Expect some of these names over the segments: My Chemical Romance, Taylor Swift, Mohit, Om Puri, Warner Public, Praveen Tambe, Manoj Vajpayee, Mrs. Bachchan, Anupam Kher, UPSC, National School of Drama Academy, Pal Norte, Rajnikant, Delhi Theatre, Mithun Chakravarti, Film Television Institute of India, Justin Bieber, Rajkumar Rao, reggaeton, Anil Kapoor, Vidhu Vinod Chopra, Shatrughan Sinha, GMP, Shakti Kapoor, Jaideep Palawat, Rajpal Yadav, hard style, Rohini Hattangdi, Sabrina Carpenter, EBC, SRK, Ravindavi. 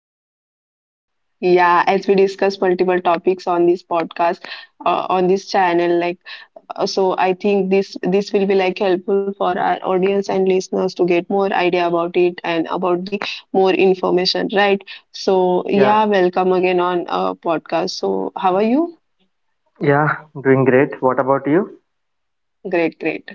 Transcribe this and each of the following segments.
I love that. Yeah, as we discuss multiple topics on this podcast, on this channel, like so, I think this will be like helpful for our audience and listeners to get more idea about it and about the more information, right? So yeah, Yeah, welcome again on podcast. So how are you? yeah, doing great. What about you? Great, great.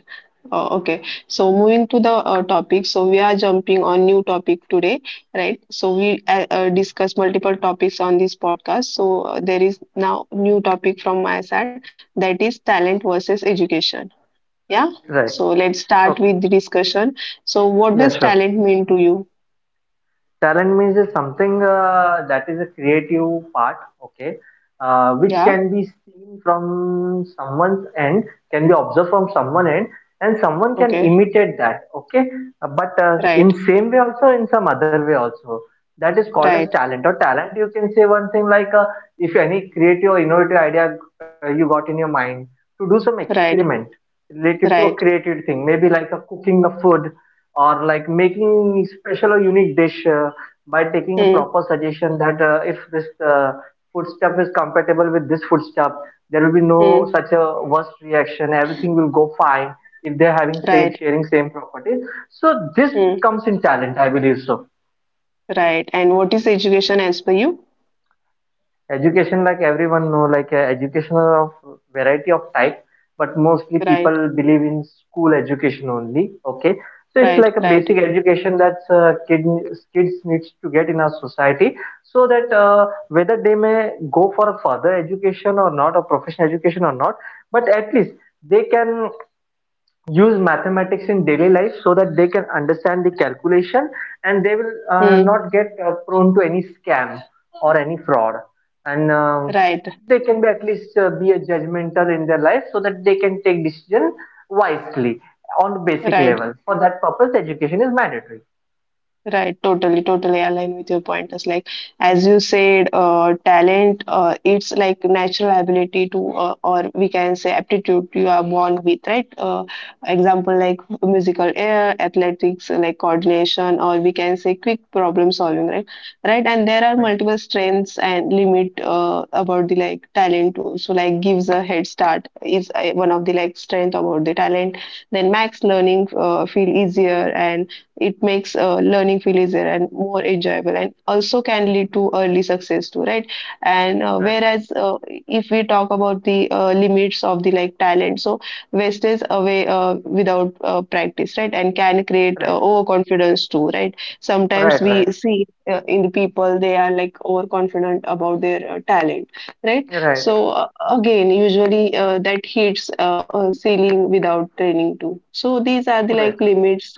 Okay, so moving to the topic, so we are jumping on new topic today, right? So we Okay. discuss multiple topics on this podcast. So there is now new topic from my side that is talent versus education. Yeah. Right. So let's start Okay. with the discussion. So what Yeah, does sure. talent mean to you? Talent means is something that is a creative part, okay, which Yeah. can be seen from someone's end, can be observed from someone end, and someone can Okay. imitate that, okay. But Right. in same way also, in some other way also, that is called Right. as talent. Or talent, you can say one thing like if any creative or innovative idea you got in your mind to do some Right. experiment related to a Right. creative thing, maybe like a cooking a food or like making special or unique dish. By taking a Hmm. proper suggestion that if this food stuff is compatible with this food stuff, there will be no Hmm. such a worst reaction. Everything will go fine if they're having same Right. sharing same properties. So this Hmm. comes in talent, I believe so. Right. And what is education as per you? Education, like everyone know, like education of variety of type, but mostly Right. people believe in school education only. Okay, so it's Right. like a Right. basic education that kids needs to get in our society, so that whether they may go for further education or not, or professional education or not, but at least they can use mathematics in daily life so that they can understand the calculation and they will Hmm. Not get prone to any scam or any fraud and Right. they can be at least be a judgmental in their life so that they can take decision wisely on the basic Right, level for that purpose education is mandatory. right, totally, totally align with your pointers. Like, as you said, talent, it's like natural ability to, or we can say aptitude you are born with, right? Example like musical air, athletics, like coordination, or we can say quick problem solving, right? Right, and there are Right, multiple strengths and limit about the like talent too. So like gives a head start is one of the like strength about the talent. Then max learning feel easier and it makes learning feel easier and more enjoyable and also can lead to early success too, right. And right, whereas if we talk about the limits of the like talent, so waste away without practice, right, and can create right, overconfidence too, right. Sometimes right, we right, see in the people they are like overconfident about their talent, right. right, So again usually that hits ceiling without training too, so these are the like right, limits.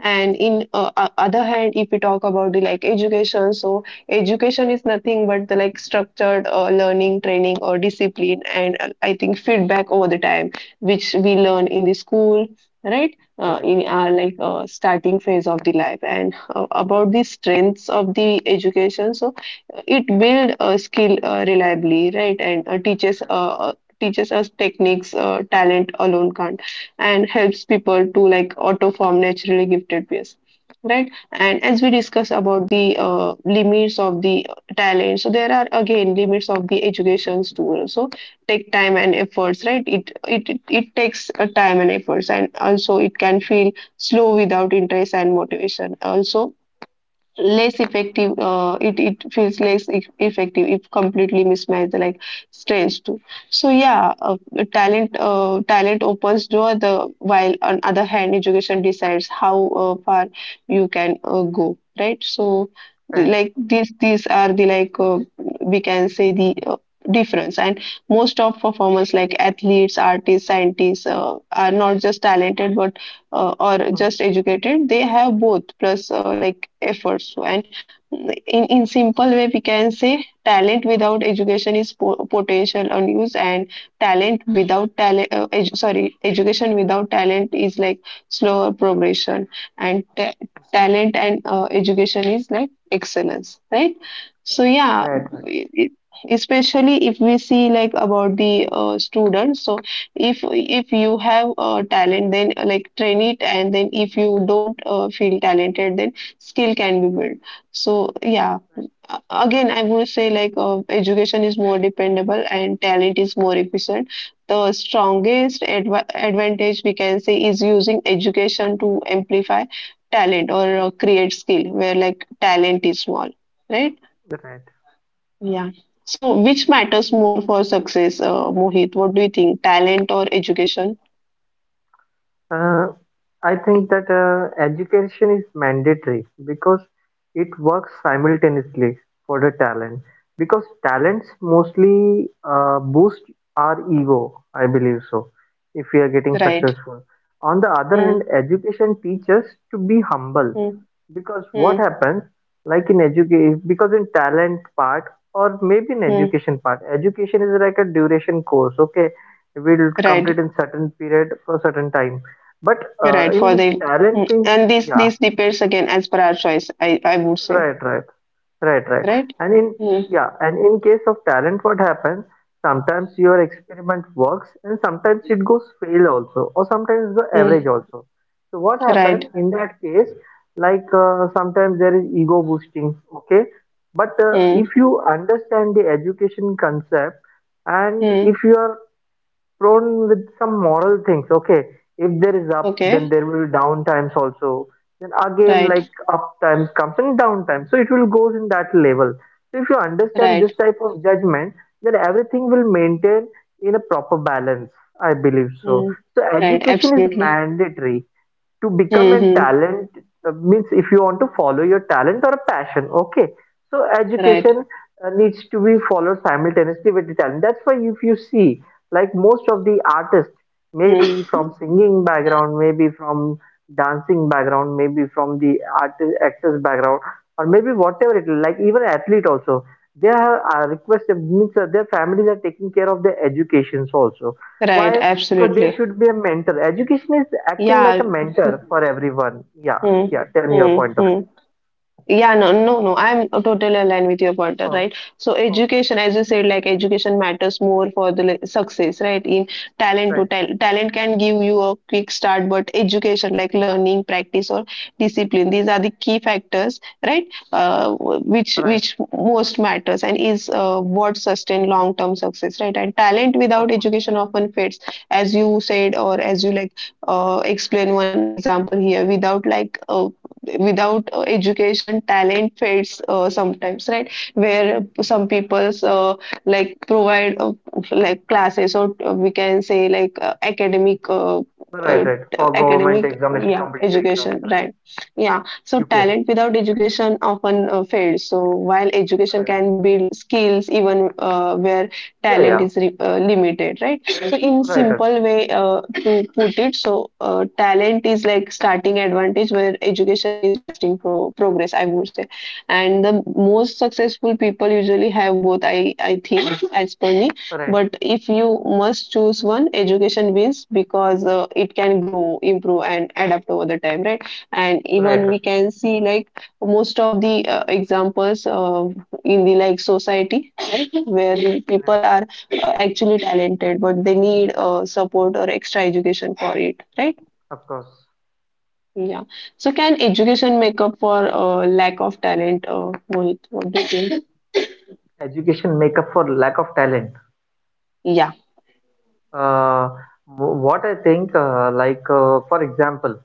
And in other hand if we talk about the like education, so education is nothing but the like structured learning training or discipline and I think feedback over the time which we learn in the school, right. Right. In our like starting phase of the life and Yes. about the strengths of the education, so it build a skill reliably, right, and teaches Right, teaches us techniques talent alone can't, and helps people to like auto form naturally gifted peers, right. And as we discuss about the limits of the talent, so there are again limits of the educations too, so take time and right. efforts, right. It takes time and efforts, and also it can feel slow without interest and motivation, also Yeah, right, less effective it feels less effective if completely mismatched like stressed. So yeah, talent talent opens door the while on other hand education decides how far you can go, right. So right. like these are the like we can say the difference. And most of performers like athletes artists scientists are not just talented but or just Mhm. educated, they have both plus like efforts. So, and in simple way we can say talent without education is potential unused and talent without talent sorry, education without talent is like slower progression, and Right, talent and education is like excellence, right. So right, yeah, right. it- it- especially if we see like about the students, so if you have a talent then like train it, and then if you don't feel talented then skill can be built. So yeah, again I would say like education is more dependable and talent is more efficient. The strongest advantage we can say is using education to amplify talent or create skill where like talent is small, right. Right. Yeah, so which matters more for success, Mohit, what do you think, talent or education? Uh, I think that education is mandatory because it works simultaneously for the talent. Because talents mostly boost our ego, I believe so, if we are getting Right. successful. On the other Mm, hand, education teaches to be humble mm, because what mm, happens like in education because in talent part or maybe in mm. education part education is like a duration course, okay, we'll complete Right. in certain period for certain time, but Right. For in the, talent mm. things. And these Yeah, these depends again as per our choice. I would say, right, right. Right, right. right. And in, Mm, yeah, and in case of talent, what happens? Sometimes your experiment works, and sometimes it goes fail also, or sometimes the mm. average also. So what happens Right. in that case? Like sometimes there is ego boosting, okay? But if Mm, you understand the education concept, and mm. if you are prone with some moral things. Okay, if there is up, then Okay. there will be down times also. Then again, Right. like up times comes and down times. So it will goes in that level. So if you understand Right. this type of judgment, then everything will maintain in a proper balance. I believe so. Mm, So right. education is Absolutely. mandatory to become a Mm-hmm. talent, means if you want to follow your talent or a passion, okay, so Right. education needs to be followed simultaneously with the talent. That's why if you see like most of the artists maybe Mm, from singing background, maybe from dancing background, maybe from the artist actors background, or maybe whatever it is, like even athlete also, they are requested means that their families are taking care of their educations also. Why? right. Because there Absolutely. should be a mentor. Education is Yeah. acting like a mentor for everyone. Yeah, Mm, yeah, tell me your mm, point of mm. view. Yeah, no, no, no. I'm totally aligned with your pointer, Oh, right? So oh, education, as you said, like education matters more for the like success, right? In talent to right, tal Talent can give you a quick start, but education, like learning, practice, or discipline, these are the key factors, right? Uh, which right, which most matters and is what sustain long-term success, right? And talent without of course. education often fades, as you said, or as you like explain one example here, without like without education talent fades sometimes, right, where Mhm. some people's like provide like classes or we can say like academic Right, uh, right, for government academic, examination yeah, competitive exams, education, right. right. Yeah, so UPSC. talent without education often fails, so while education can build skills even where Yeah, talent yeah, is limited, right. So in right, right, simple way to put it, so talent is like starting advantage where education is lasting progress, I would say. And the most successful people usually have both, I think, as per me. right, But if you must choose one, education wins because it can grow, improve, and adapt over the time, right? And right, even right, we can see like most of the examples in the like society, right, where the right. people are actually talented but they need support or extra education for it, right. Of course, Yeah, so can education make up for lack of talent, Mohit, what do you think? education make up for lack of talent. Yeah. Uh, what I think, like for example,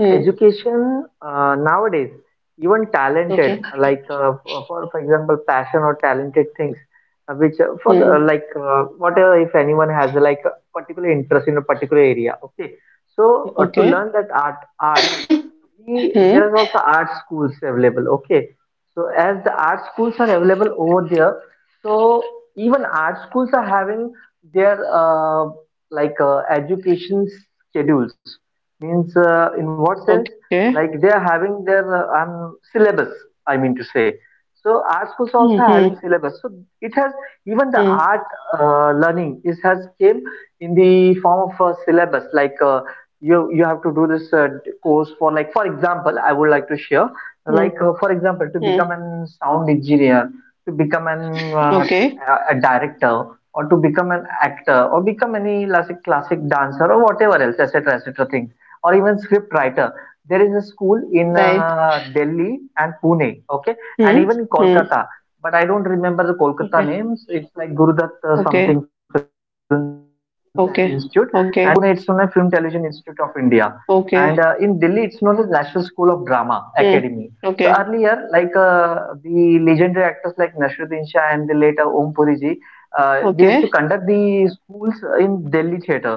Hmm. education nowadays, even talented, Okay. like for example, passion or talented things, which for the, Hmm. like whatever if anyone has like a particular interest in a particular area, okay. So to Okay. learn that art, art, we there Hmm. is also art schools available, okay, so as the art schools are available over there, so even art schools are having their like education schedules, means in what sense, Okay. like they are having their syllabus, I mean to say. So art Hmm. schools Hmm. also having syllabus, so it has, even Hmm. the art learning is has came in the form of a syllabus, like you you have to do this, goes for like, for example, I would like to share, Hmm. like for example, Hmm. to become an sound engineer, to become an uh, Okay, a director, or to become an actor, or become any classic classic dancer or whatever else, etc, etc, things, or even script writer. There is a school in right. Delhi and Pune, okay, Hmm. and even in Hmm. Kolkata, but I don't remember the Kolkata Okay, names. It's like Gurudat okay, something film institute. And in okay, Pune it's known as Film okay, Television Institute of India. And in Delhi it's okay. known as National School of Drama Academy. So Hmm. earlier, Okay, like the legendary actors like Nasruddin Shah and the later Om Puri ji, they used to okay, conduct the schools in Delhi theatre,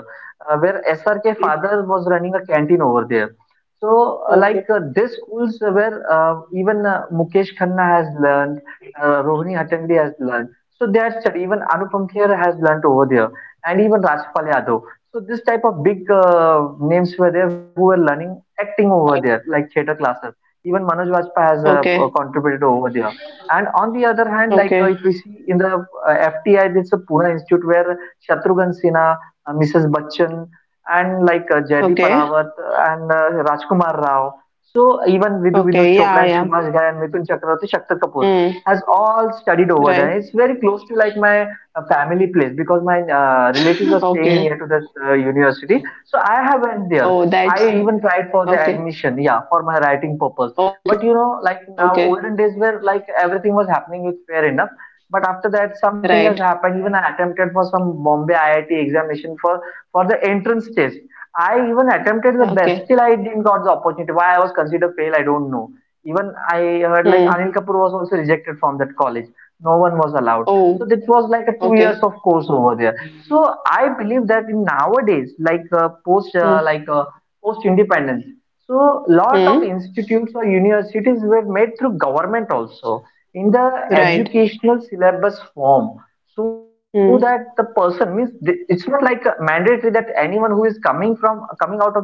where SRK father okay, was running a canteen over there. So okay, these schools where even Mukesh Khanna has learned, Rohini Hattangdi has learned. So they are studied. Even Anupam Kher has learned over there, and even Rajpal Yadav. So this type of big names were there who were learning acting over there, like theater classes. Even Manoj Vajpayee has contributed over there. And on the other hand, like okay, if we see in the FTI, there's a Pune Institute where Shatrughan Sinha, Mrs. Bachchan, and like Jaideep okay, Palawat and Rajkumar Rao. So even Vidhu Vinod okay. Chopra Yeah, and yeah. Subhash Ghai and Mithun Chakravarti, Shakti Kapoor Mm, has all studied over there. right. It's very close to like my a family place because my relatives are staying near Okay. to the university. So I have went there. Oh, I that's even tried for the okay. admission, yeah, for my writing purpose. But Okay. you know, like now, Okay. olden days where like everything was happening with fair enough. But after that, something Right. has happened. Even I attempted for some Bombay IIT examination for the entrance test. I even attempted the Okay. best, still I didn't got the opportunity. Why I was considered fail, I don't know. Even I heard like Mm. Anil Kapoor was also rejected from that college. No one was allowed, Oh, so it was like a two okay. years of course over there. So I believe that in nowadays, like Mm. Post independence, so lot of Mm. institutes or universities were made through government also in the Right. educational syllabus form, so that the Mm. person means it's not like a mandatory that anyone who is coming from coming out of that college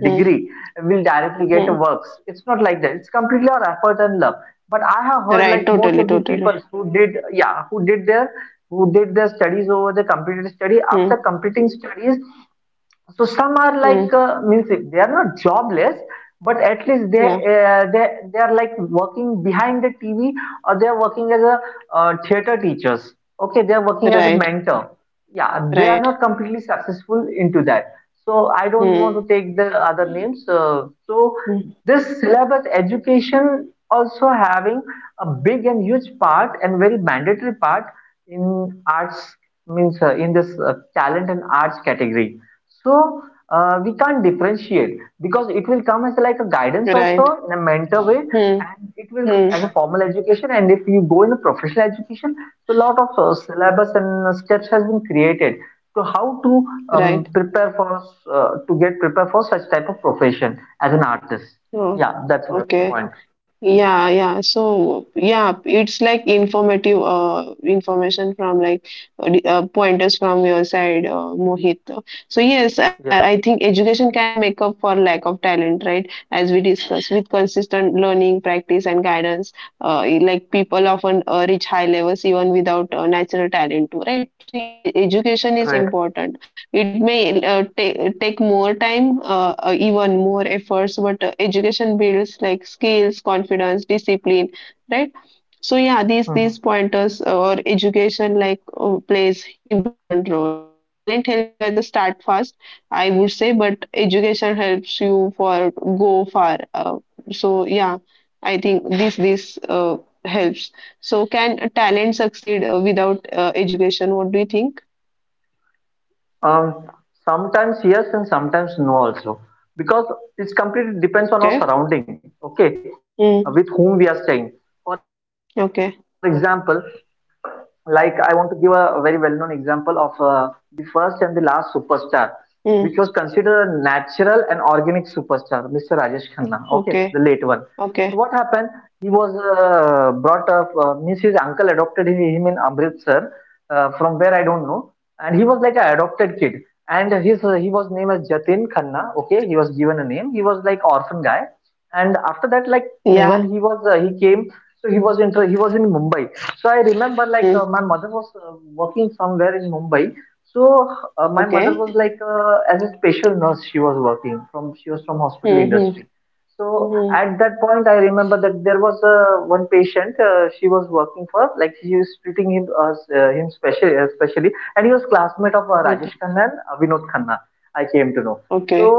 Mm. Mm. Right. Totally. Totally. Mm. Mm. Yeah. Right. Right. Mm. Mm. Right. Mm. Mm. Right. Oh. Okay. Yeah, yeah. So, yeah, it's like informative information from like pointers from your side, Mohit. So, yes, I think education can make up for lack of talent, right? As we discussed, with consistent learning, practice, and guidance, like people often reach high levels even without natural talent, too, right? So, education is important. It may take more time, even more efforts, but education builds like skills, confidence, discipline, right? So yeah, these pointers or education like plays important role, and talent help you as a start fast, I would say, but education helps you for go far. So yeah, I think this helps. So can talent succeed without education? What do you think? Okay. Mm. Okay. Hmm. Okay, okay. Yeah. Hmm. Okay. Hmm. Hmm. Hmm. Okay. Okay.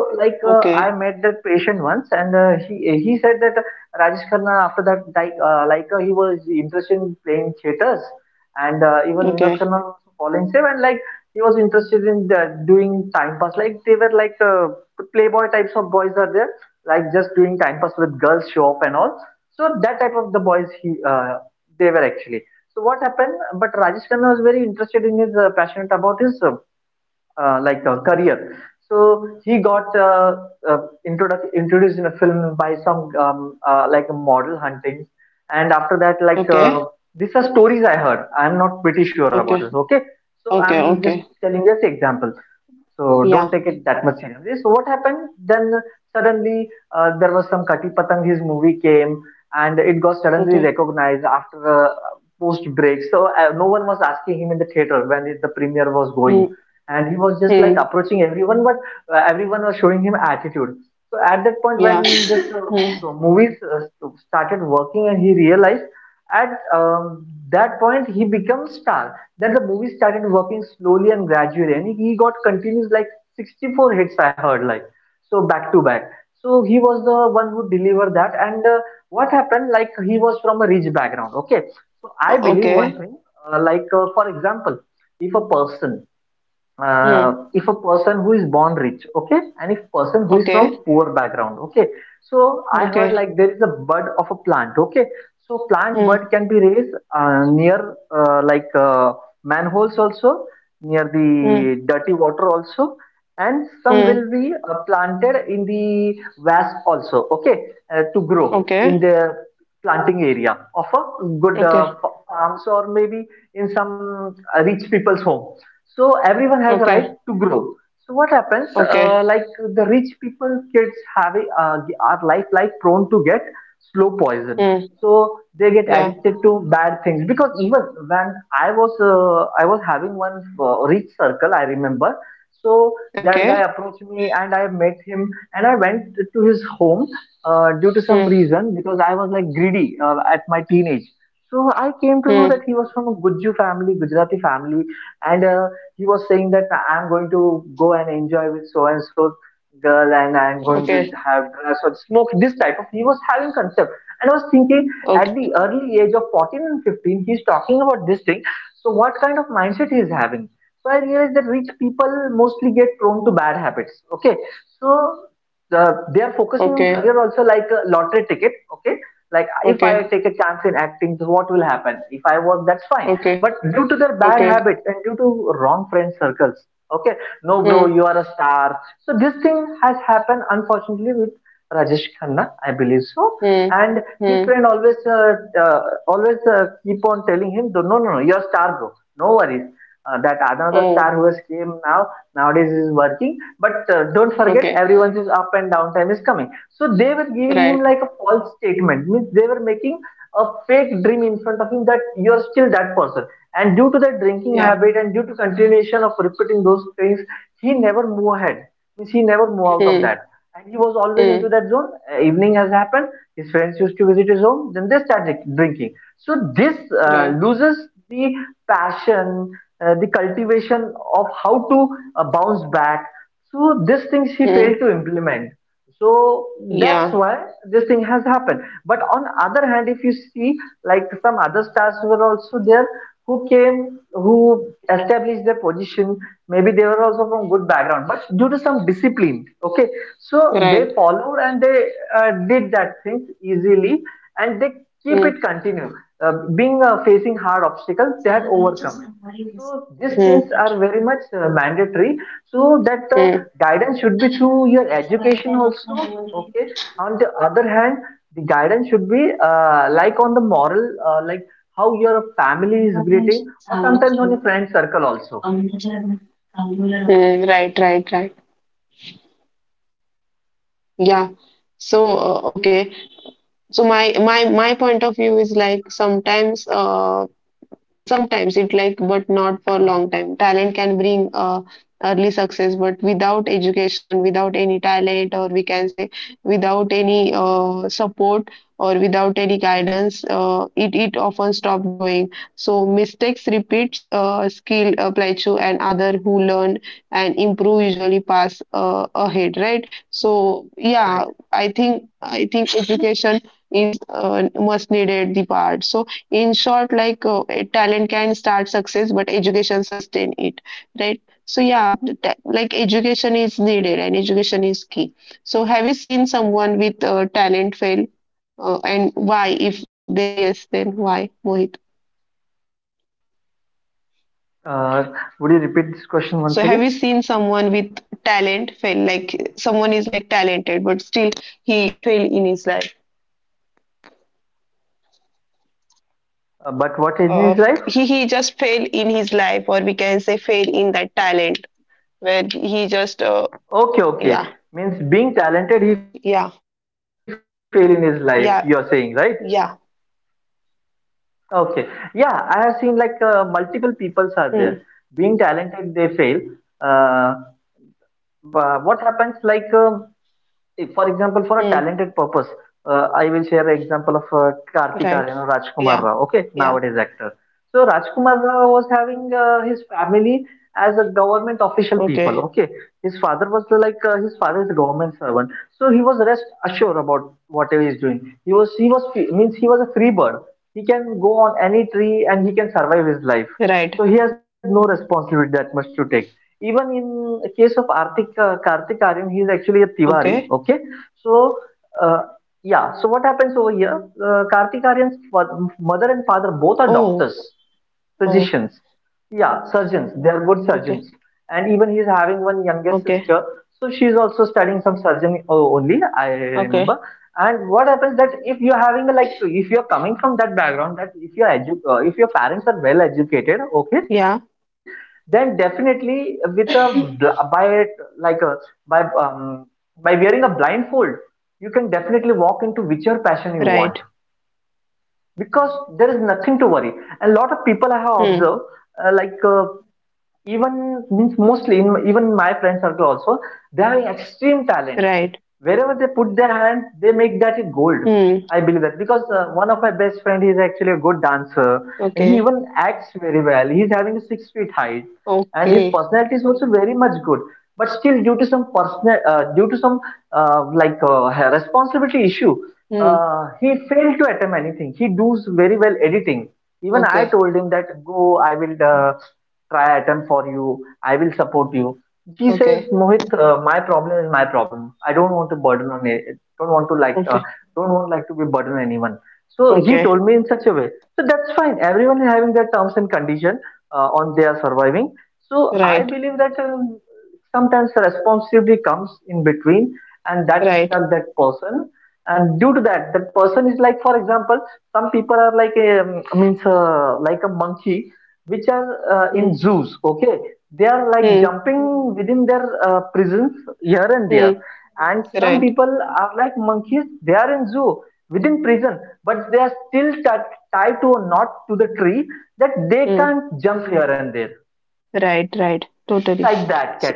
Okay. Okay. Okay. Okay. Okay. Okay. Yeah. Okay. Hmm. Hmm. Yeah. Hmm. Okay. Hmm. Okay. Okay. Hmm. Hmm. Hmm. Okay. Okay. Okay. Okay. Hmm. Yeah. Okay. Hmm. Hmm. Okay. Okay. Okay. Okay. Okay. Okay. Hmm. Hmm. Hmm. Oh. Okay. Right. Yeah. Hmm. Hmm. Right. Hmm. Yeah. Right. Hmm. Hmm. Hmm. Mm, right, right, right. Yeah. So, okay. So my point of view is like sometimes it like, but not for long time talent can bring early success but without education, without any talent, or we can say without any support, or without any guidance it often stop growing, so mistakes repeats, skill apply to and other who learn and improve usually pass ahead, right. So yeah, I think education is must needed the part, so in short like talent can start success but education sustain it, right. So yeah, the like education is needed and education is key. So have you seen someone with talent fail, and why, if there is yes then why, Mohit? So have you seen someone with talent fail, like someone is like talented but still he fail in his life, uh, he just fail in his life, or we can say fail in that talent where he just yeah, yeah, yeah. Yeah. Hmm. Hmm. Right. Yeah. Yeah. Okay. Right. Okay. Oh. Oh. Okay. Okay. Okay. Yeah. Right. Hmm. Right. Hmm. Okay. Okay. Hmm. Okay. Okay. Okay. Okay. Right. Right. Hmm. Hmm. Hmm. Right. Hmm. Right. Right. Totally. So,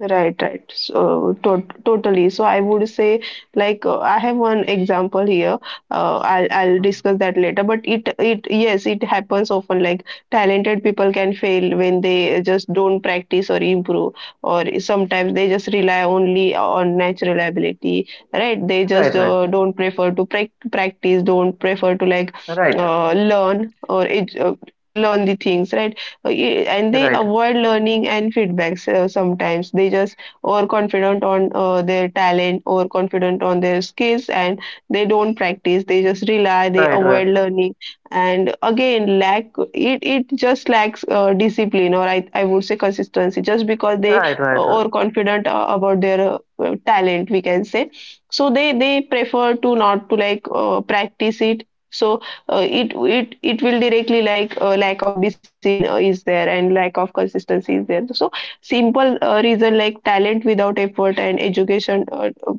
right, right. So to totally. So I would say, like, I have one example here. I'll discuss that later. But it yes, it happens often. Like talented people can fail when they just don't practice or improve, or sometimes they just rely only on natural ability. Right? They just don't prefer to practice, don't prefer to learn or learn the things. Right? And they avoid learning and feedbacks. Sometimes they just overconfident on their talent, overconfident on their skills, and they don't practice, they just rely, they avoid learning and again lack, it just lacks discipline, or I would say consistency, just because they overconfident about their talent, we can say. So they prefer to not to practice it. So uh, it it will directly like lack of discipline is there, and lack of consistency is there. So simple reason, like talent without effort and education uh, uh,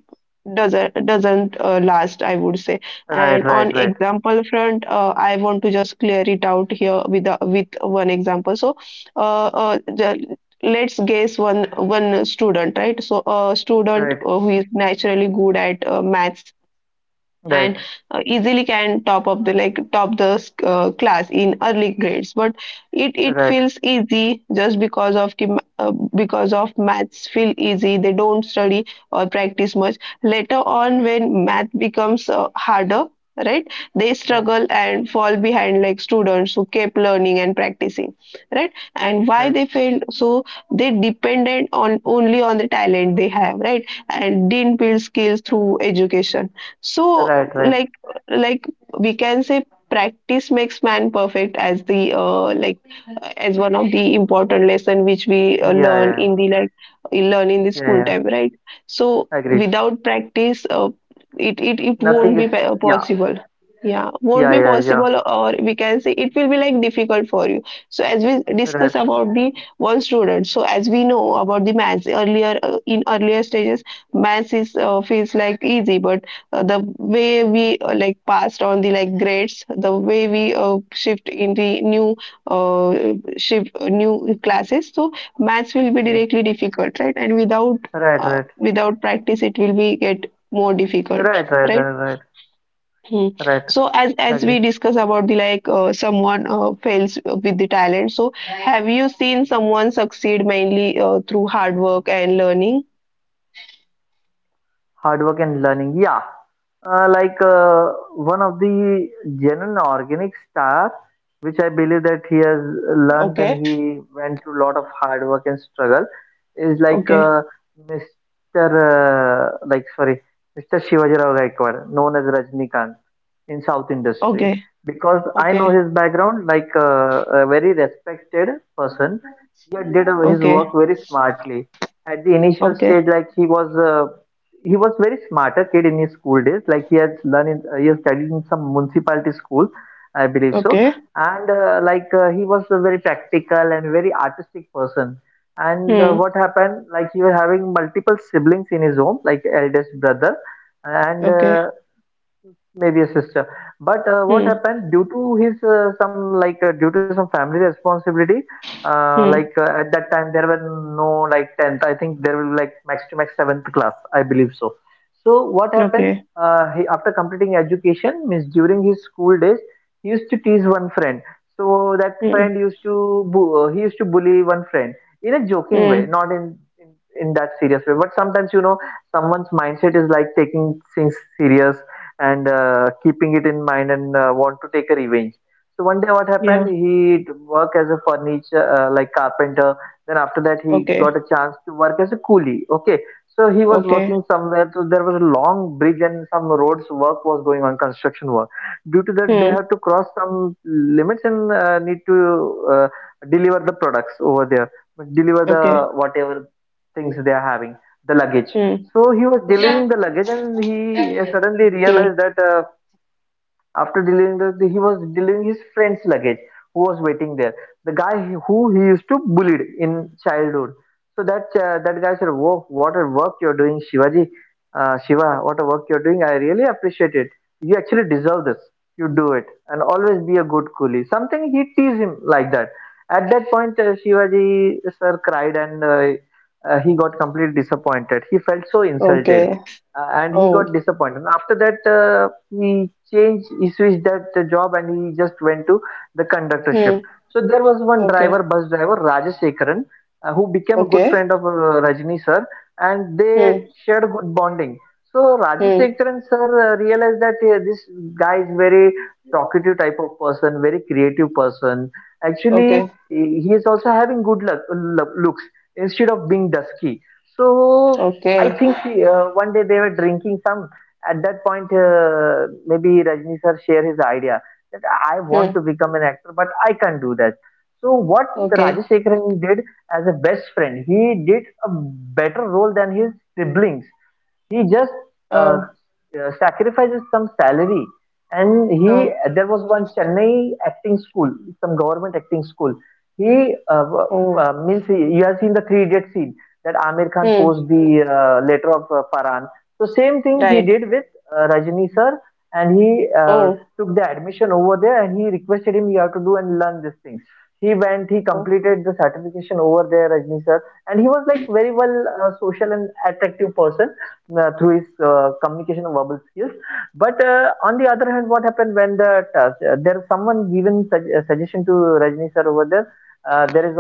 doesn't doesn't uh, last, I would say. And on example front, I want to just clear it out here with with one example. So uh, uh, ju- let's guess one student, right? So a student who is naturally good at maths and easily can top up the top the class in early grades, but it feels easy just because of the because of maths feel easy, they don't study or practice much. Later on, when math becomes harder, right, they struggle and fall behind like students who kept learning and practicing. Right? And why they failed? So they depended on only on the talent they have, right, and didn't build skills through education. So like we can say practice makes man perfect, as the as one of the important lesson which we learn in the learn in the school time, right? So without practice, it won't be possible. Yeah, won't be possible, or we can say it will be like difficult for you. So as we discuss about the one student, so as we know about the maths earlier, in earlier stages maths is feels like easy, but the way we passed on the grades, the way we shift in the new uh, shift new classes, so maths will be directly difficult, right? And without without practice, it will be get more difficult, right? Hmm. So as we discuss about the someone fails with the talent, so have you seen someone succeed mainly through hard work and learning? Okay. Okay. Okay. Okay. Okay. Okay. Okay. Hmm. Okay. Hmm. Hmm. Okay. Hmm. Hmm. Yeah. Okay. Okay. Hmm. Okay. Hmm. o- Hmm. Okay. Oh. Hmm. Okay. Okay. Hmm. Hmm. Okay. Okay. Hmm. Okay. Oh. Huh. Oh. Hmm. Right. Oh. Oh.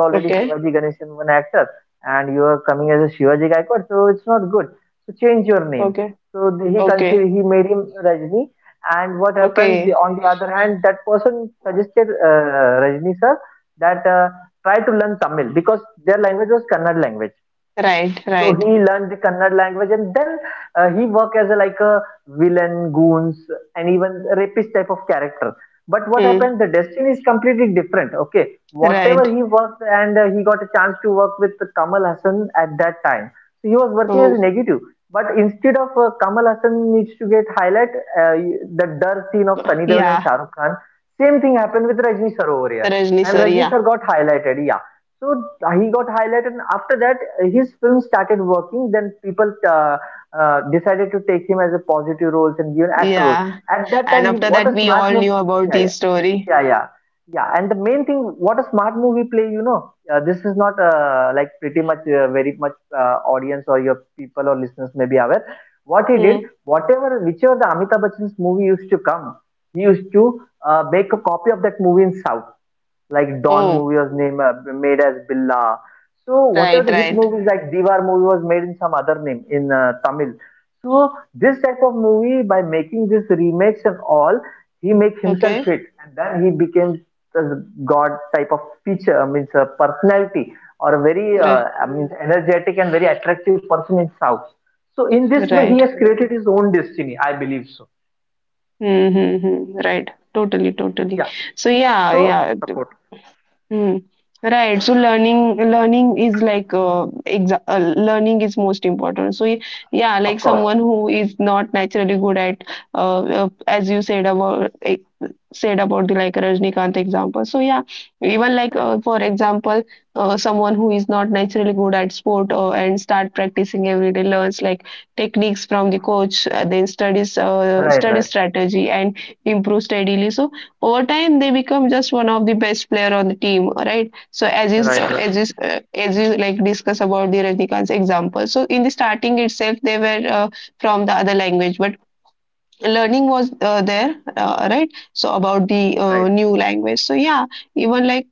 Okay. Okay. Okay. Okay. Right. Right. Hmm. Right. Oh. Yeah. Rajni sir. Yeah. Yeah. And after that, we all knew about his story. Hmm. Oh. Right. Right. Okay. Right. Right. Mm-hmm. Right. Totally, totally. So yeah, yeah. Mm. Right. So learning is like exa learning is most important. So yeah, like someone who is not naturally good at, as you said about the like Rajnikant example. So yeah, even like for example, someone who is not naturally good at sport and start practicing every day, learns like techniques from the coach, then studies study strategy and improve steadily. So over time they become just one of the best player on the team, right? So as you like discuss about the Rajnikant's example. So in the starting itself they were from the other language, but learning was there, right, so about the new language. So yeah, even like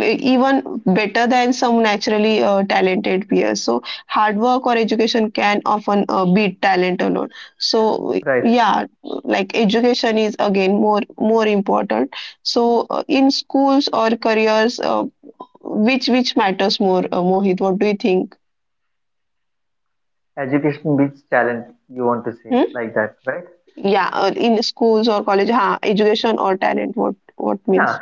even better than some naturally talented peers. So hard work or education can often beat talent alone. So yeah, like education is again more important. So in schools or careers, which matters more, Mohit, what do you think? Hmm? Yeah, in schools or college, ha, education or talent, what means?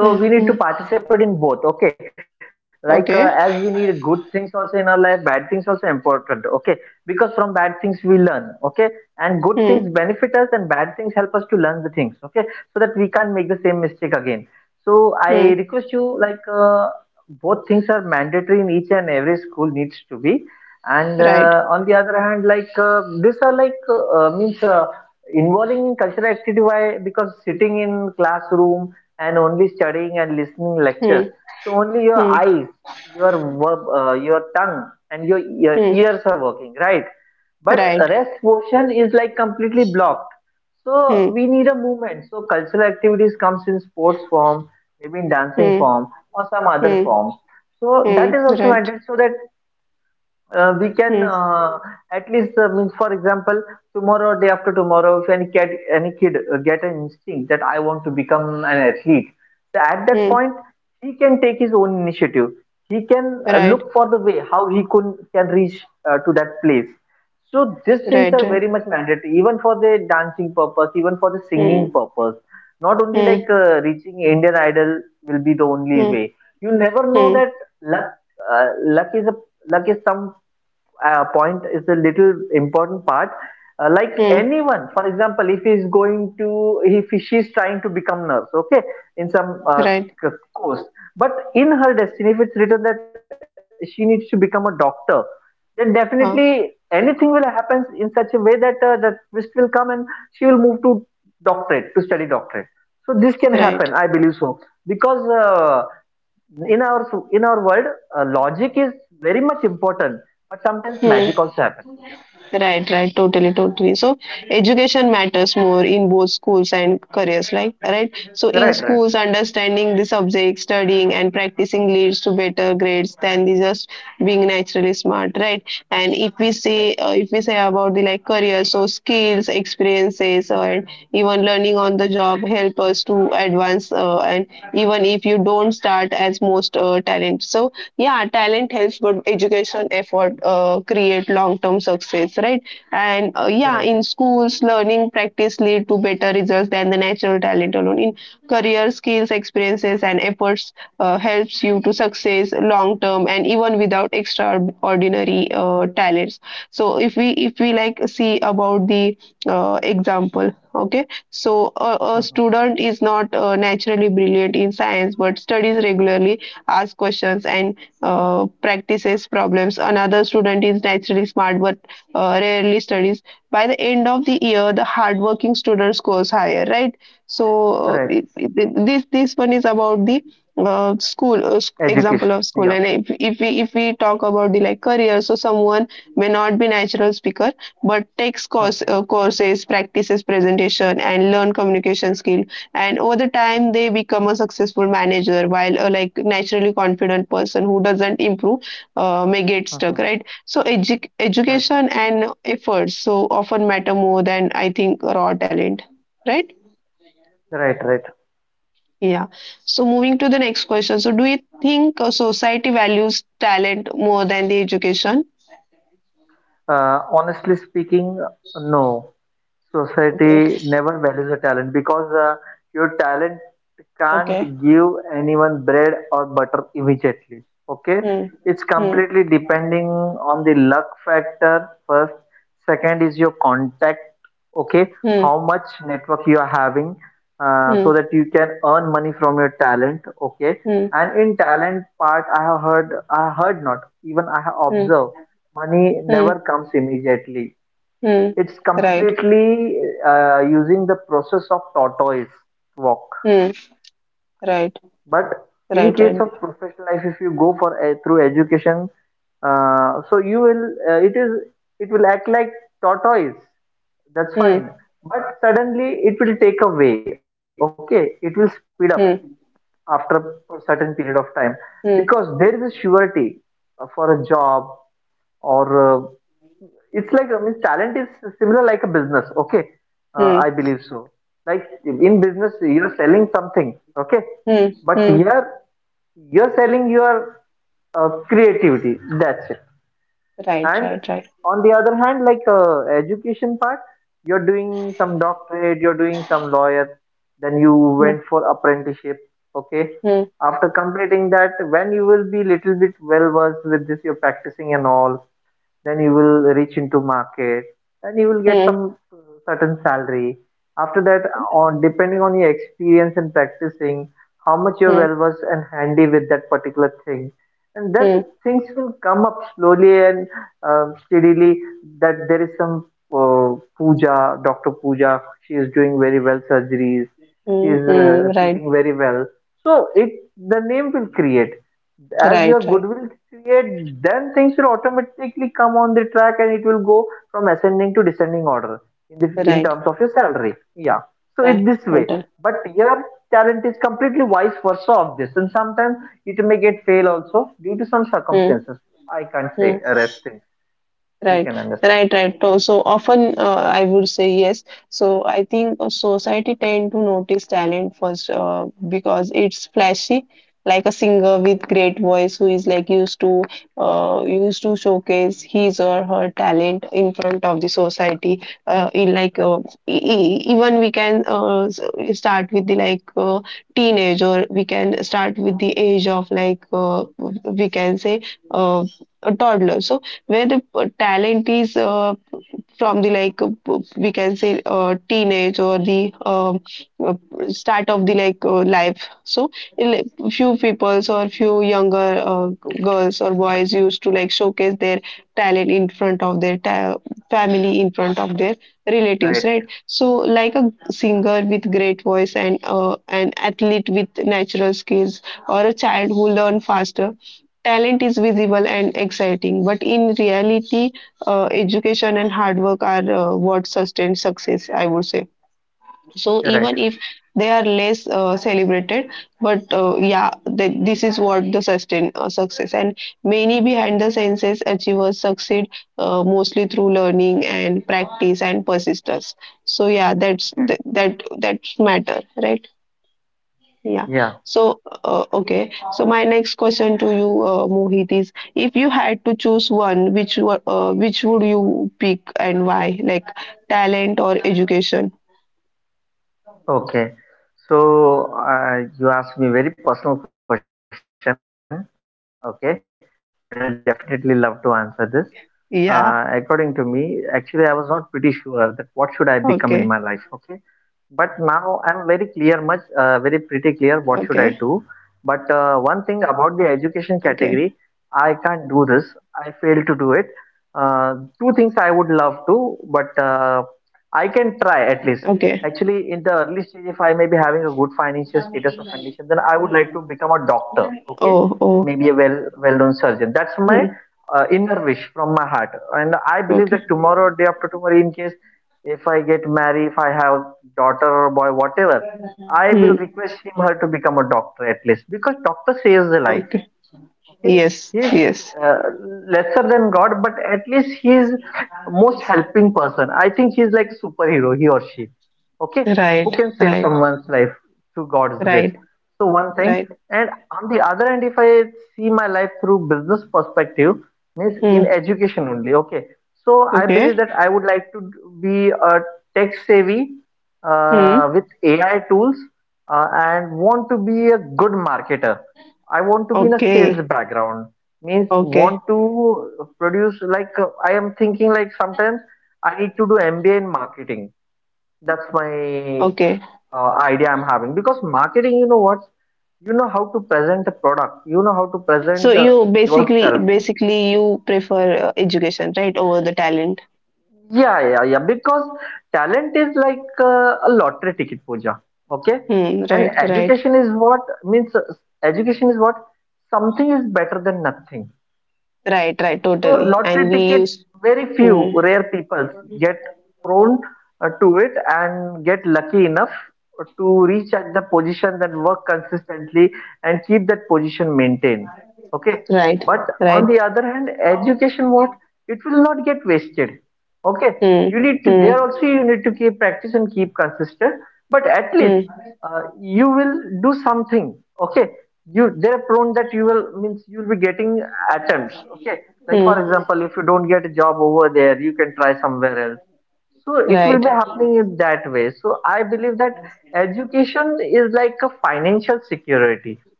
Hmm, hmm. Okay. Hmm. Hmm. Right. Hmm. Hmm. Hmm. Right. Hmm. Hmm. Hmm. Hmm. Right. Hmm. Hmm. Right. Right. Right. Hmm. Hmm. Hmm. Hmm. Hmm. Right. Ah. Right. Hmm. Right, right, totally, totally. So education matters more in both schools and careers, like, right. So in schools, understanding the subject, studying and practicing leads to better grades than the just being naturally smart, right? And if we say about the like career, so skills, experiences, or even learning on the job help us to advance. And even if you don't start as most talent, so yeah, talent helps, but education effort create long term success, right? And yeah, in schools learning practice lead to better results than the natural talent alone. In career, skills, experiences and efforts helps you to success long term and even without extraordinary talents. So if we like see about the example, okay. So a student is not naturally brilliant in science but studies regularly, ask questions, and practices problems. Another student is naturally smart but rarely studies. By the end of the year, the hardworking student scores higher, right? So this one is about the school example of school. And if we talk about the like career, so someone may not be natural speaker but takes courses, practices presentation, and learn communication skill, and over the time they become a successful manager, while a like naturally confident person who doesn't improve may get stuck, right? So education and efforts so often matter more than I think raw talent, right? Yeah. So moving to the next question, so do you think society values talent more than the education? Okay. Okay. Hmm. Hmm. Hmm. Hmm. Hmm. Hmm. Hmm. Hmm. Right. Hmm. Right. Right. Right. Hmm. Hmm. Hmm. Hmm. Hmm. Hmm. Right. Right. Right. Hmm. Hmm. Hmm. Hmm. Hmm. Hmm. Hmm. Right. Right. Right. Right. Right. Total. Hmm. Hmm. Right, right, right. So so often I would say yes. So I think society tend to notice talent first because it's flashy, like a singer with great voice who is like used to used to showcase his or her talent in front of the society. In like even we can start with the teenage, or we can start with the age of we can say uh, a toddler. So where the talent is from the we can say teenage, or the uh, start of the life. So in, like, few peoples or few younger girls or boys used to like showcase their talent in front of their family, in front of their relatives, right? So like a singer with great voice, and an athlete with natural skills, or a child who learn faster, talent is visible and exciting, but in reality, education and hard work are what sustain success, I would say. So even if they are less celebrated, but yeah, this is what the sustain success. And many behind the senses achievers succeed mostly through learning and practice and persistence. So yeah, that's that matter, right? Yeah. So, okay. So my next question to you, Mohit, is if you had to choose one, which would you pick and why? Like talent or education? Yeah. Okay. Okay. Okay. Okay. Oh. Oh. Hmm. Okay. Hmm. Okay. Yes. Yes. Right. Right. Right. Right. Hmm. Okay. Hmm. Okay. Okay. Okay. So you basically basically you prefer education, right, over the talent. Hmm, right, right, right, right, totally. And we use hmm, right, right. Hmm, hmm, hmm, hmm. Right,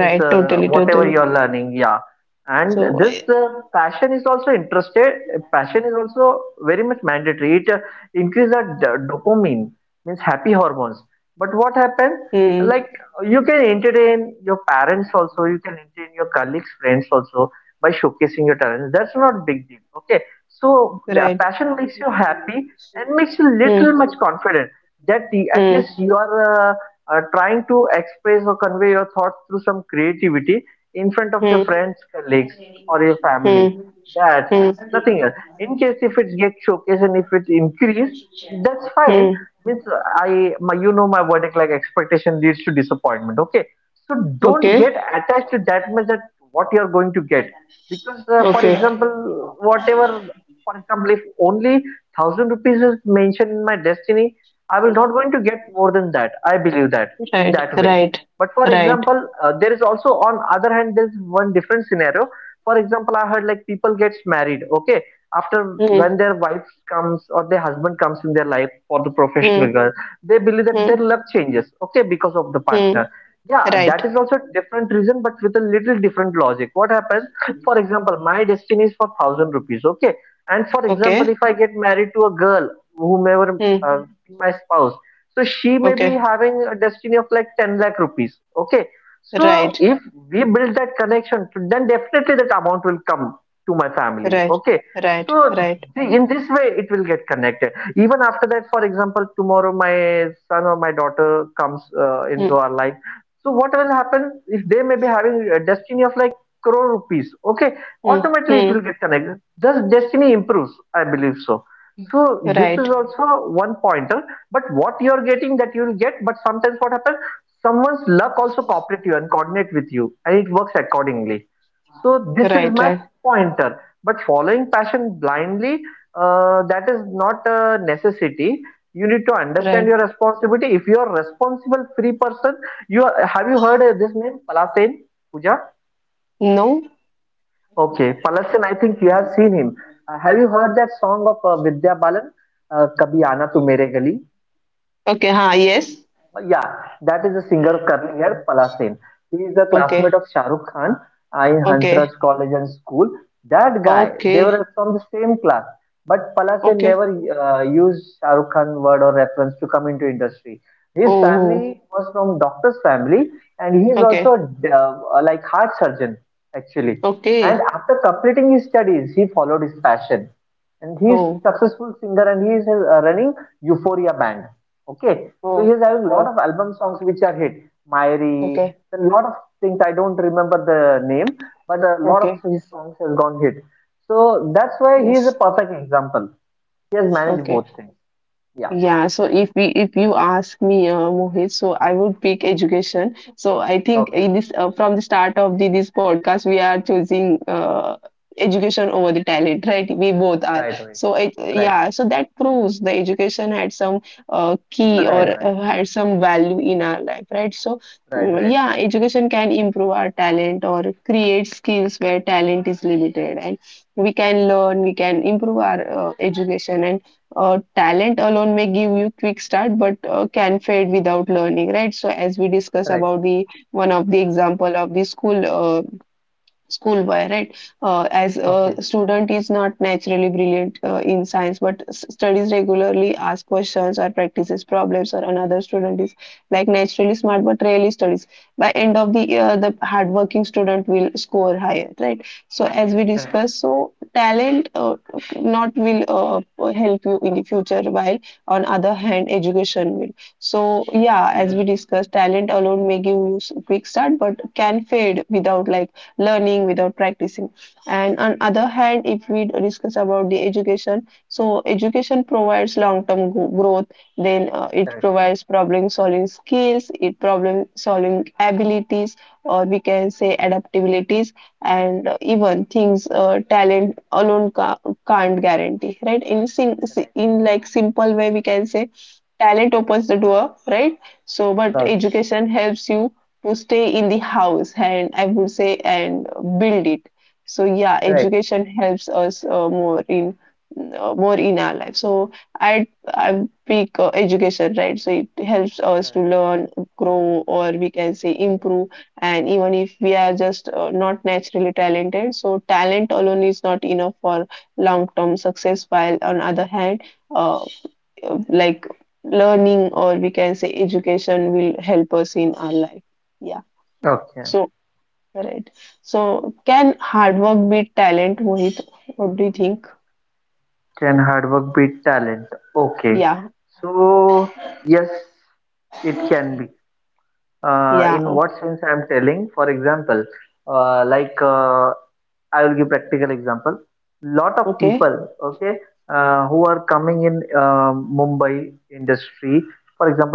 right, totally, totally. So, hmm, right, hmm, hmm, hmm, hmm, hmm. Hmm. Okay. Okay. Right. Right. Right. Hmm. Hmm. Hmm. Hmm. Right. Okay. Hmm. Okay. Right. Right. Right. Right. Hmm. Hmm. Hmm. Right. Right. Right. Right. No. Okay. Ha. Yes. Okay. Okay. Okay. Okay. Oh. Okay. Okay. Oh. Oh. Oh. Okay. Okay. Yes. Okay. Yeah, so if you ask me, Mohit, so I would pick education. So I think in this from the start of this podcast, we are choosing education over the talent, right? We both are. So it, yeah, so that proves the education had some key or had some value in our life, right? So yeah, education can improve our talent or create skills where talent is limited, and we can learn, we can improve our education, and talent alone may give you quick start but can fade without learning, right? So as we discuss about the one of the example of the school schoolboy, right? As a student is not naturally brilliant in science but studies regularly, ask questions, or practices problems, or another student is like naturally smart but rarely studies. By end of the year, the hardworking student will score higher, right? So as we discussed, so talent not will help you in the future, while on other hand education will. So yeah, as we discussed, talent alone may give you quick start but can fade without like learning, without practicing. And on other hand, if we discuss about the education, so education provides long term growth. Then it provides problem solving skills, it problem solving abilities, or we can say adaptabilities. And even things talent alone can't guarantee, right? In like simple way we can say talent opens the door, right? So but education helps you to stay in the house, and I would say, and build it. So yeah, education helps us more in our life. So i I pick education, right? So it helps us to learn, grow, or we can say improve. And even if we are just not naturally talented, so talent alone is not enough for long term success, while on other hand uh, uh, like learning, or we can say education, will help us in our life. Yeah. So, right. So can hard work beat talent, Mohit? What do you think? Yeah. Yeah. Okay.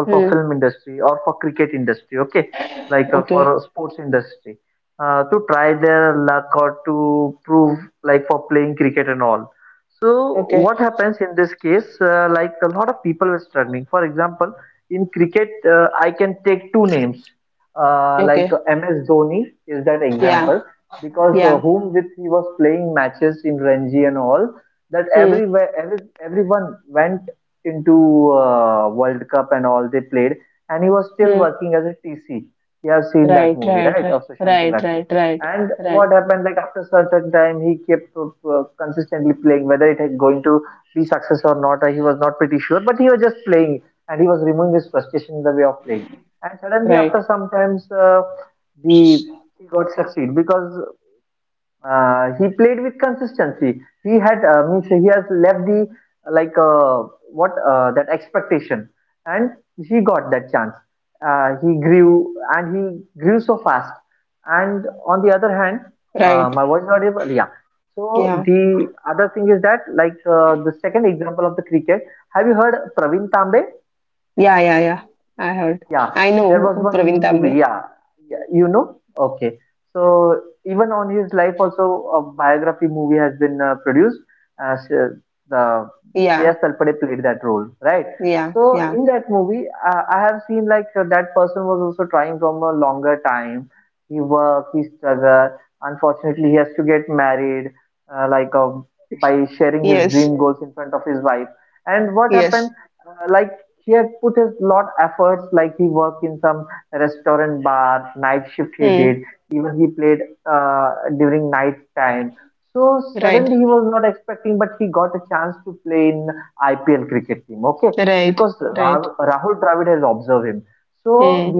Hmm. Okay. Okay. Okay. Yeah. Yeah. Hmm. Hmm. Right. Right. Right. Right. Right. Right. Right. Right. Right. Yeah. Yeah. Yeah. Yeah. I heard. I know Praveen Tambe. Yeah. Yeah. Yeah. Yes. Yes. Hmm. Right. Right. Right. Hmm.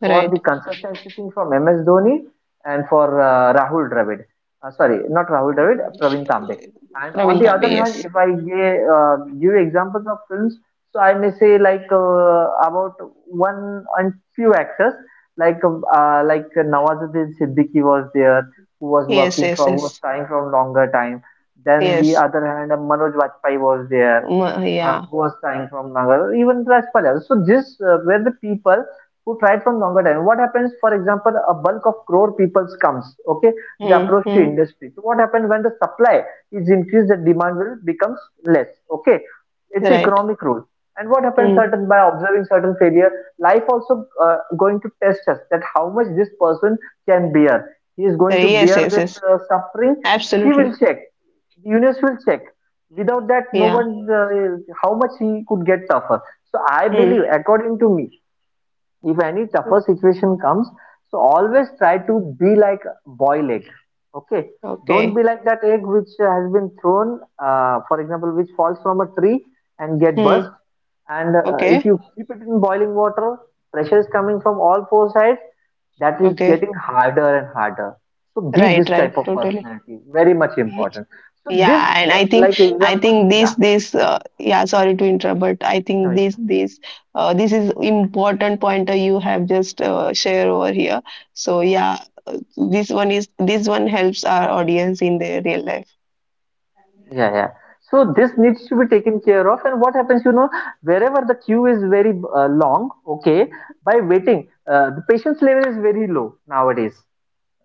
Right. Ravindavi. Yes. Yes. Yes. Yes. Yes. Mm, yeah. Hmm. Hmm. Right. Hmm. Right, yes. Yes. Yes. Absolutely. Yeah. Hmm. Okay. Hmm. Okay. Okay. Right. Right. Totally. Yeah. And I think this yeah, sorry to interrupt, but I think this is important pointer you have just share over here. So yeah, this one helps our audience in their real life.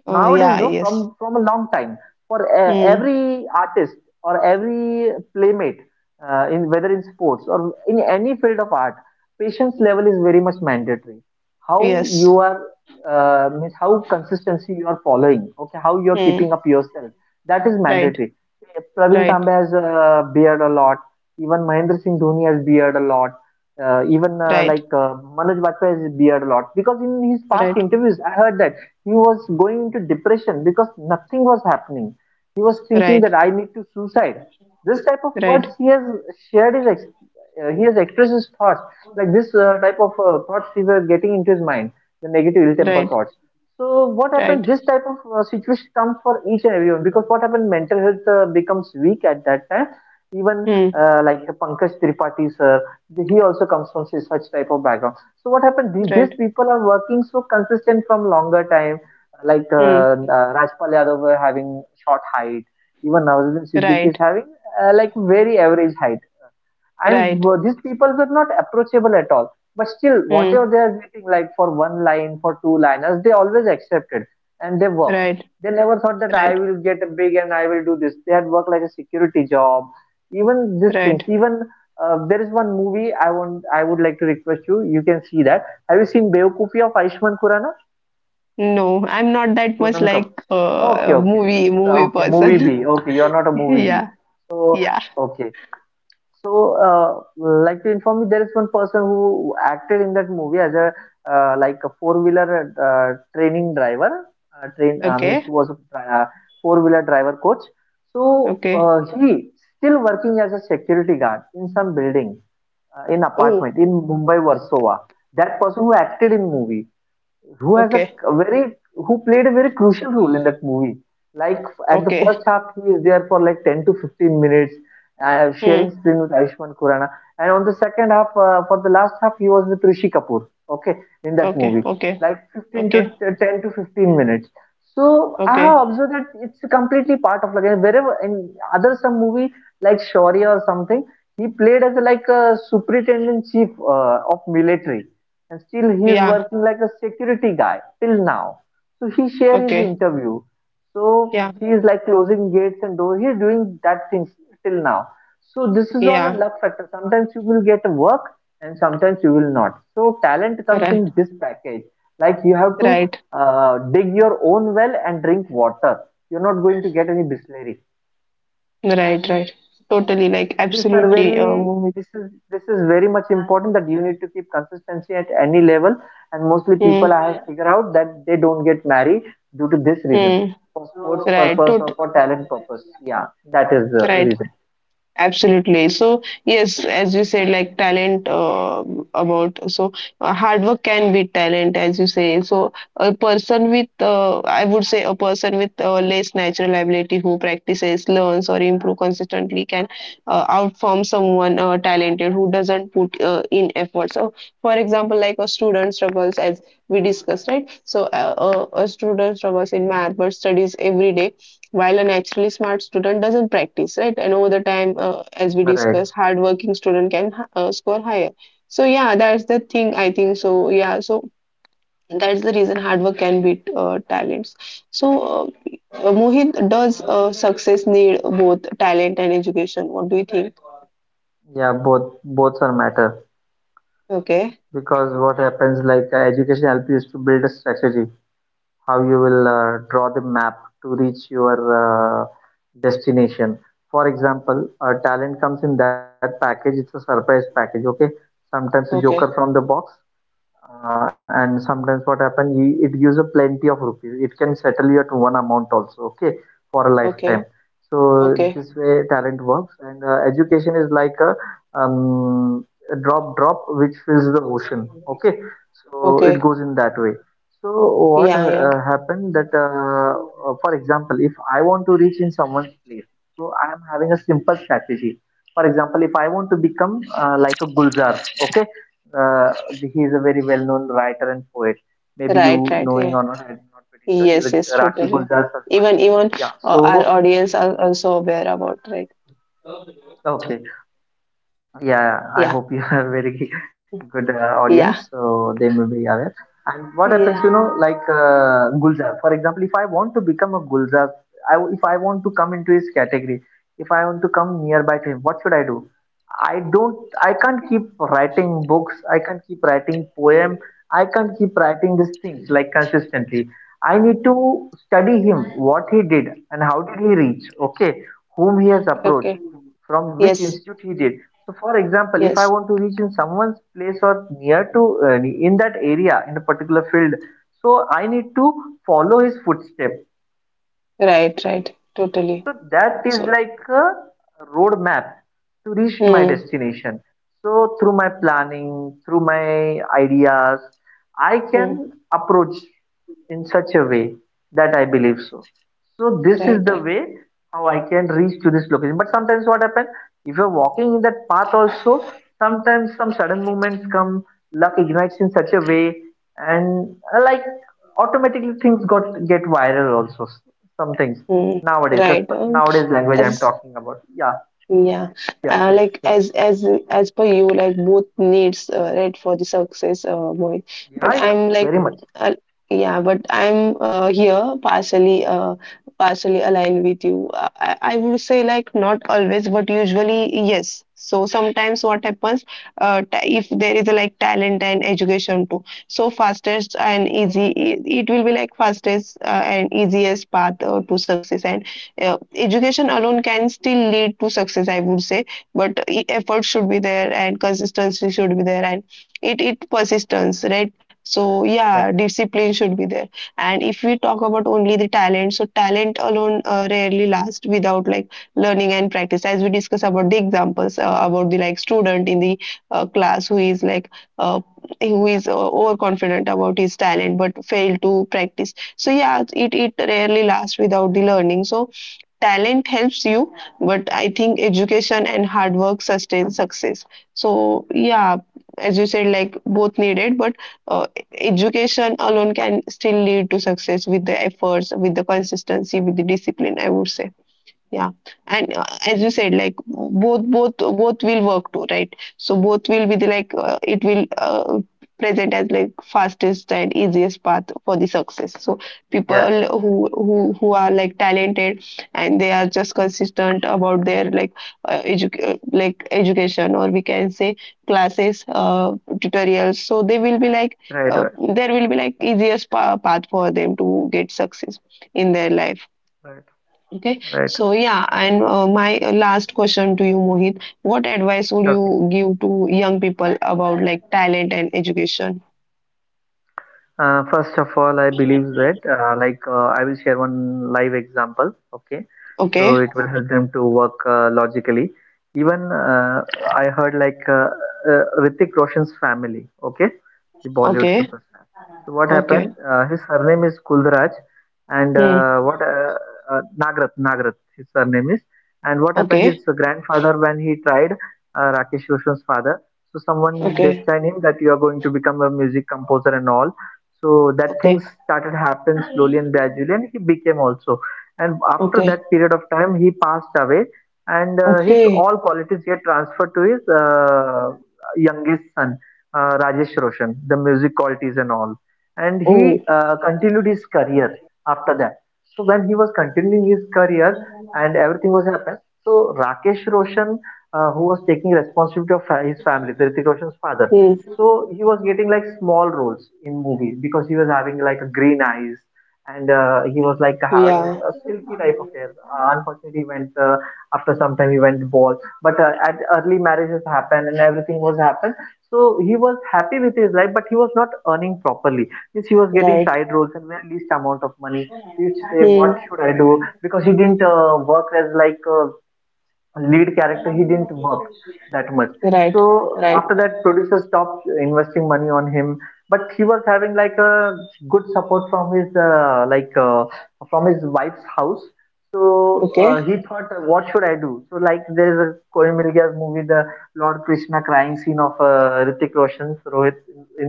Oh, yeah. Yes. Hmm. Yes. Hmm. Right. Right. Right. Right. Right. Right. Right. Right. Hmm. Right. Hmm. Right. Right. Hmm. Right. Right. Right. No, I'm not that much like a movie person. Yeah. Yeah. Okay. Okay. Oh. Okay. Okay. Hmm. Okay. Okay. Okay. Okay. Yeah. Okay. Yeah. Yeah. Right. Right. Right. Right. Totally. Like absolutely. Mohit. Hmm. Hmm. Right. Tot. Right. Absolutely. So yes, as you said, like talent about so hard work can be talent, as you say. So a person with, I would say, a person with less natural ability who practices, learns, or improve consistently can outperform someone talented who doesn't put in effort. So, for example, like a student struggles, as we discussed, right? So, a student struggles in math but studies every day, while a naturally smart student doesn't practice, right? And over the time, as we discussed, hardworking student can score higher. So yeah, that's the thing, I think. So yeah, so that's the reason hard work can beat talents. So, Mohit, does success need both talent and education? What do you think? Okay. Okay. Okay. Okay. Okay. Yeah. Yeah. Right. Right. Yeah. Yes. Yes. Totally. Even our audience are also aware about, right? Yeah. Yeah. Yeah. Okay. Yes. Yes. Right. Right. Totally. So. Hmm. Hmm. Right. Right. Hmm. Right. As Yeah, like as per you, like both needs, right, for the success, Mohit. But I'm like, uh, yeah, but I'm here partially aligned with you. I would say like not always, but usually yes. So sometimes what happens, if there is a, like, talent and education too, so fastest and easy, it will be like fastest and easiest path to success. And education alone can still lead to success, I would say. But effort should be there, and consistency should be there, and it persistence, right? So yeah, discipline should be there. And if we talk about only the talent, so talent alone rarely lasts without like learning and practice. As we discuss about the examples, about the like student in the class, who is like uh, who is overconfident about his talent but fail to practice. So yeah, it rarely lasts without the learning. So talent helps you, but I think education and hard work sustain success. So yeah, as you said, like both needed, but uh, education alone can still lead to success with the efforts, with the consistency, with the discipline, I would say. Yeah, and as you said, like both will work too, right? So both will be the like, it will present as like fastest and easiest path for the success. So people who are like talented and they are just consistent about their like like education, or we can say, classes, tutorials. So they will be like uh, there will be like easiest path for them to get success in their life. Okay, so yeah, and my last question to you, Mohit: what advice would you give to young people about like talent and education? Okay. Okay. Okay. Hmm. Okay. Okay. Okay. Okay. Okay. Oh. Hmm. Yeah. Right. Hmm. Right. Right. Okay.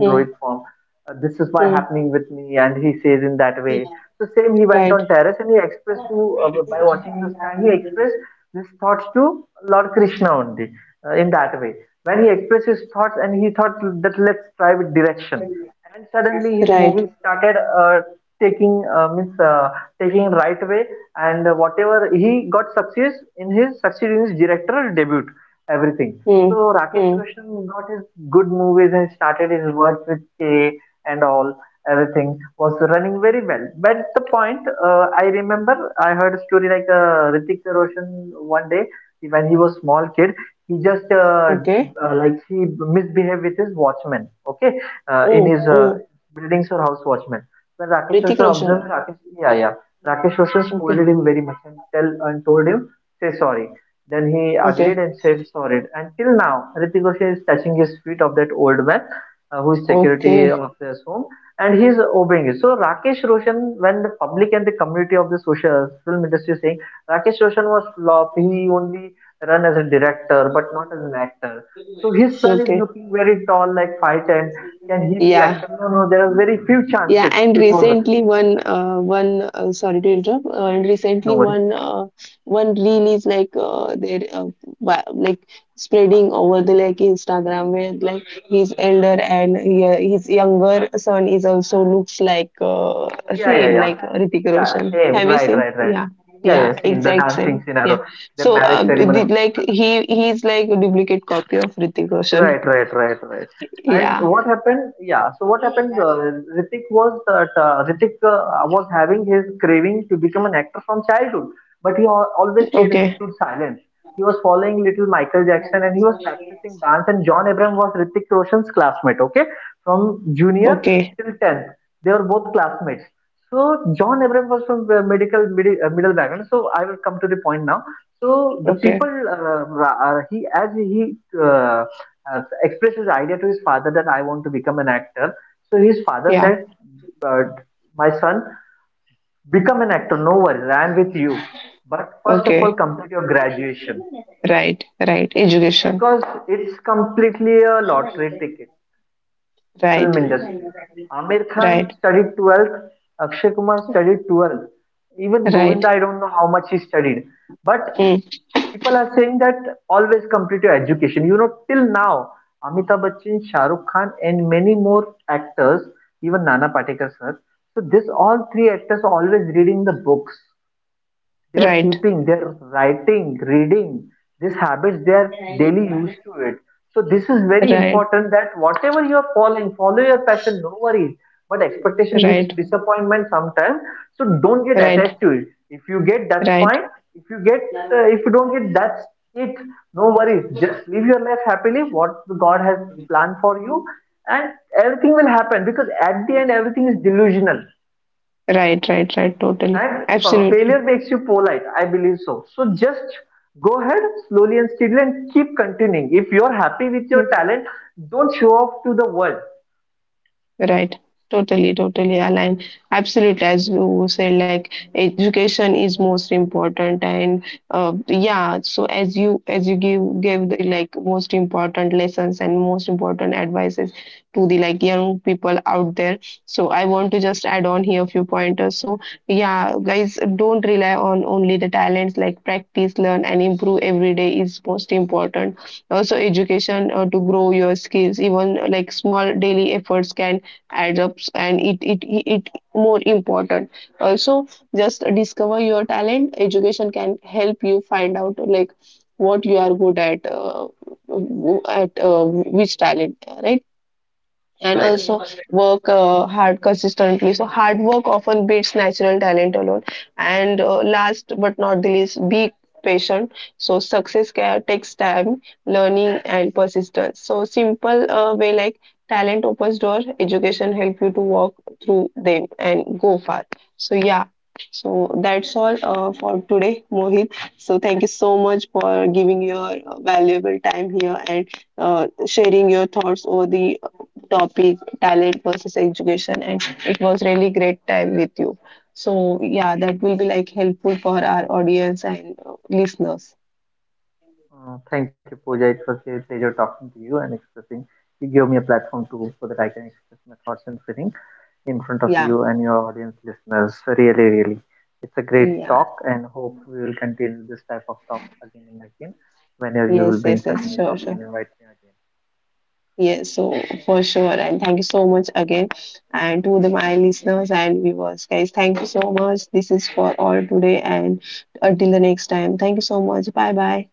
Hmm. Hmm. Right. Right. Hmm. Hmm. Okay. Oh. Oh. Ritik Roshan. Okay. Okay. Okay. Okay. Yeah. Yeah, and recently one one sorry to interrupt. And recently one reel is like there, like, spreading over the like Instagram, where like his elder and, yeah, his younger son is also looks like same like Ritik Roshan. Have you seen? Yeah, yeah, exact same. Yeah. So like he's like a duplicate copy of Ritik Roshan. Yeah. Okay. Okay. Okay. Yeah. Okay. Right. Right. Education. Right. Right. Right. Mm. Right. Right. Right. Right. Right. Right. Right. Right. Totally. Absolutely. Mm. Right. Totally, totally aligned. Absolutely. As you said, like education is most important, and yeah. So as you give gave the like most important lessons and most important advices to the like young people out there. So I want to just add on here a few pointers. So yeah, guys, don't rely on only the talents. Like practice, learn, and improve every day is most important. Also, education to grow your skills. Even like small daily efforts can adds up, and it more important. Also, just discover your talent. Education can help you find out like what you are good at, which talent, right? And also work hard consistently. So hard work often beats natural talent alone. And last but not the least, be patient. So success takes time, learning, and persistence. So simple way, like, talent opens door, education help you to walk through them and go far. So yeah. So that's all for today, Mohit. So thank you so much for giving your valuable time here, and sharing your thoughts over the topic talent versus education. And it was really great time with you. So yeah, that will be like helpful for our audience and listeners. Yeah. Yeah. Yes. Yes. Yes. Sure. Sure. Yes. So for sure. And thank you so much again. And to the my listeners and viewers, guys, thank you so much. This is for all today. And until the next time, thank you so much. Bye bye.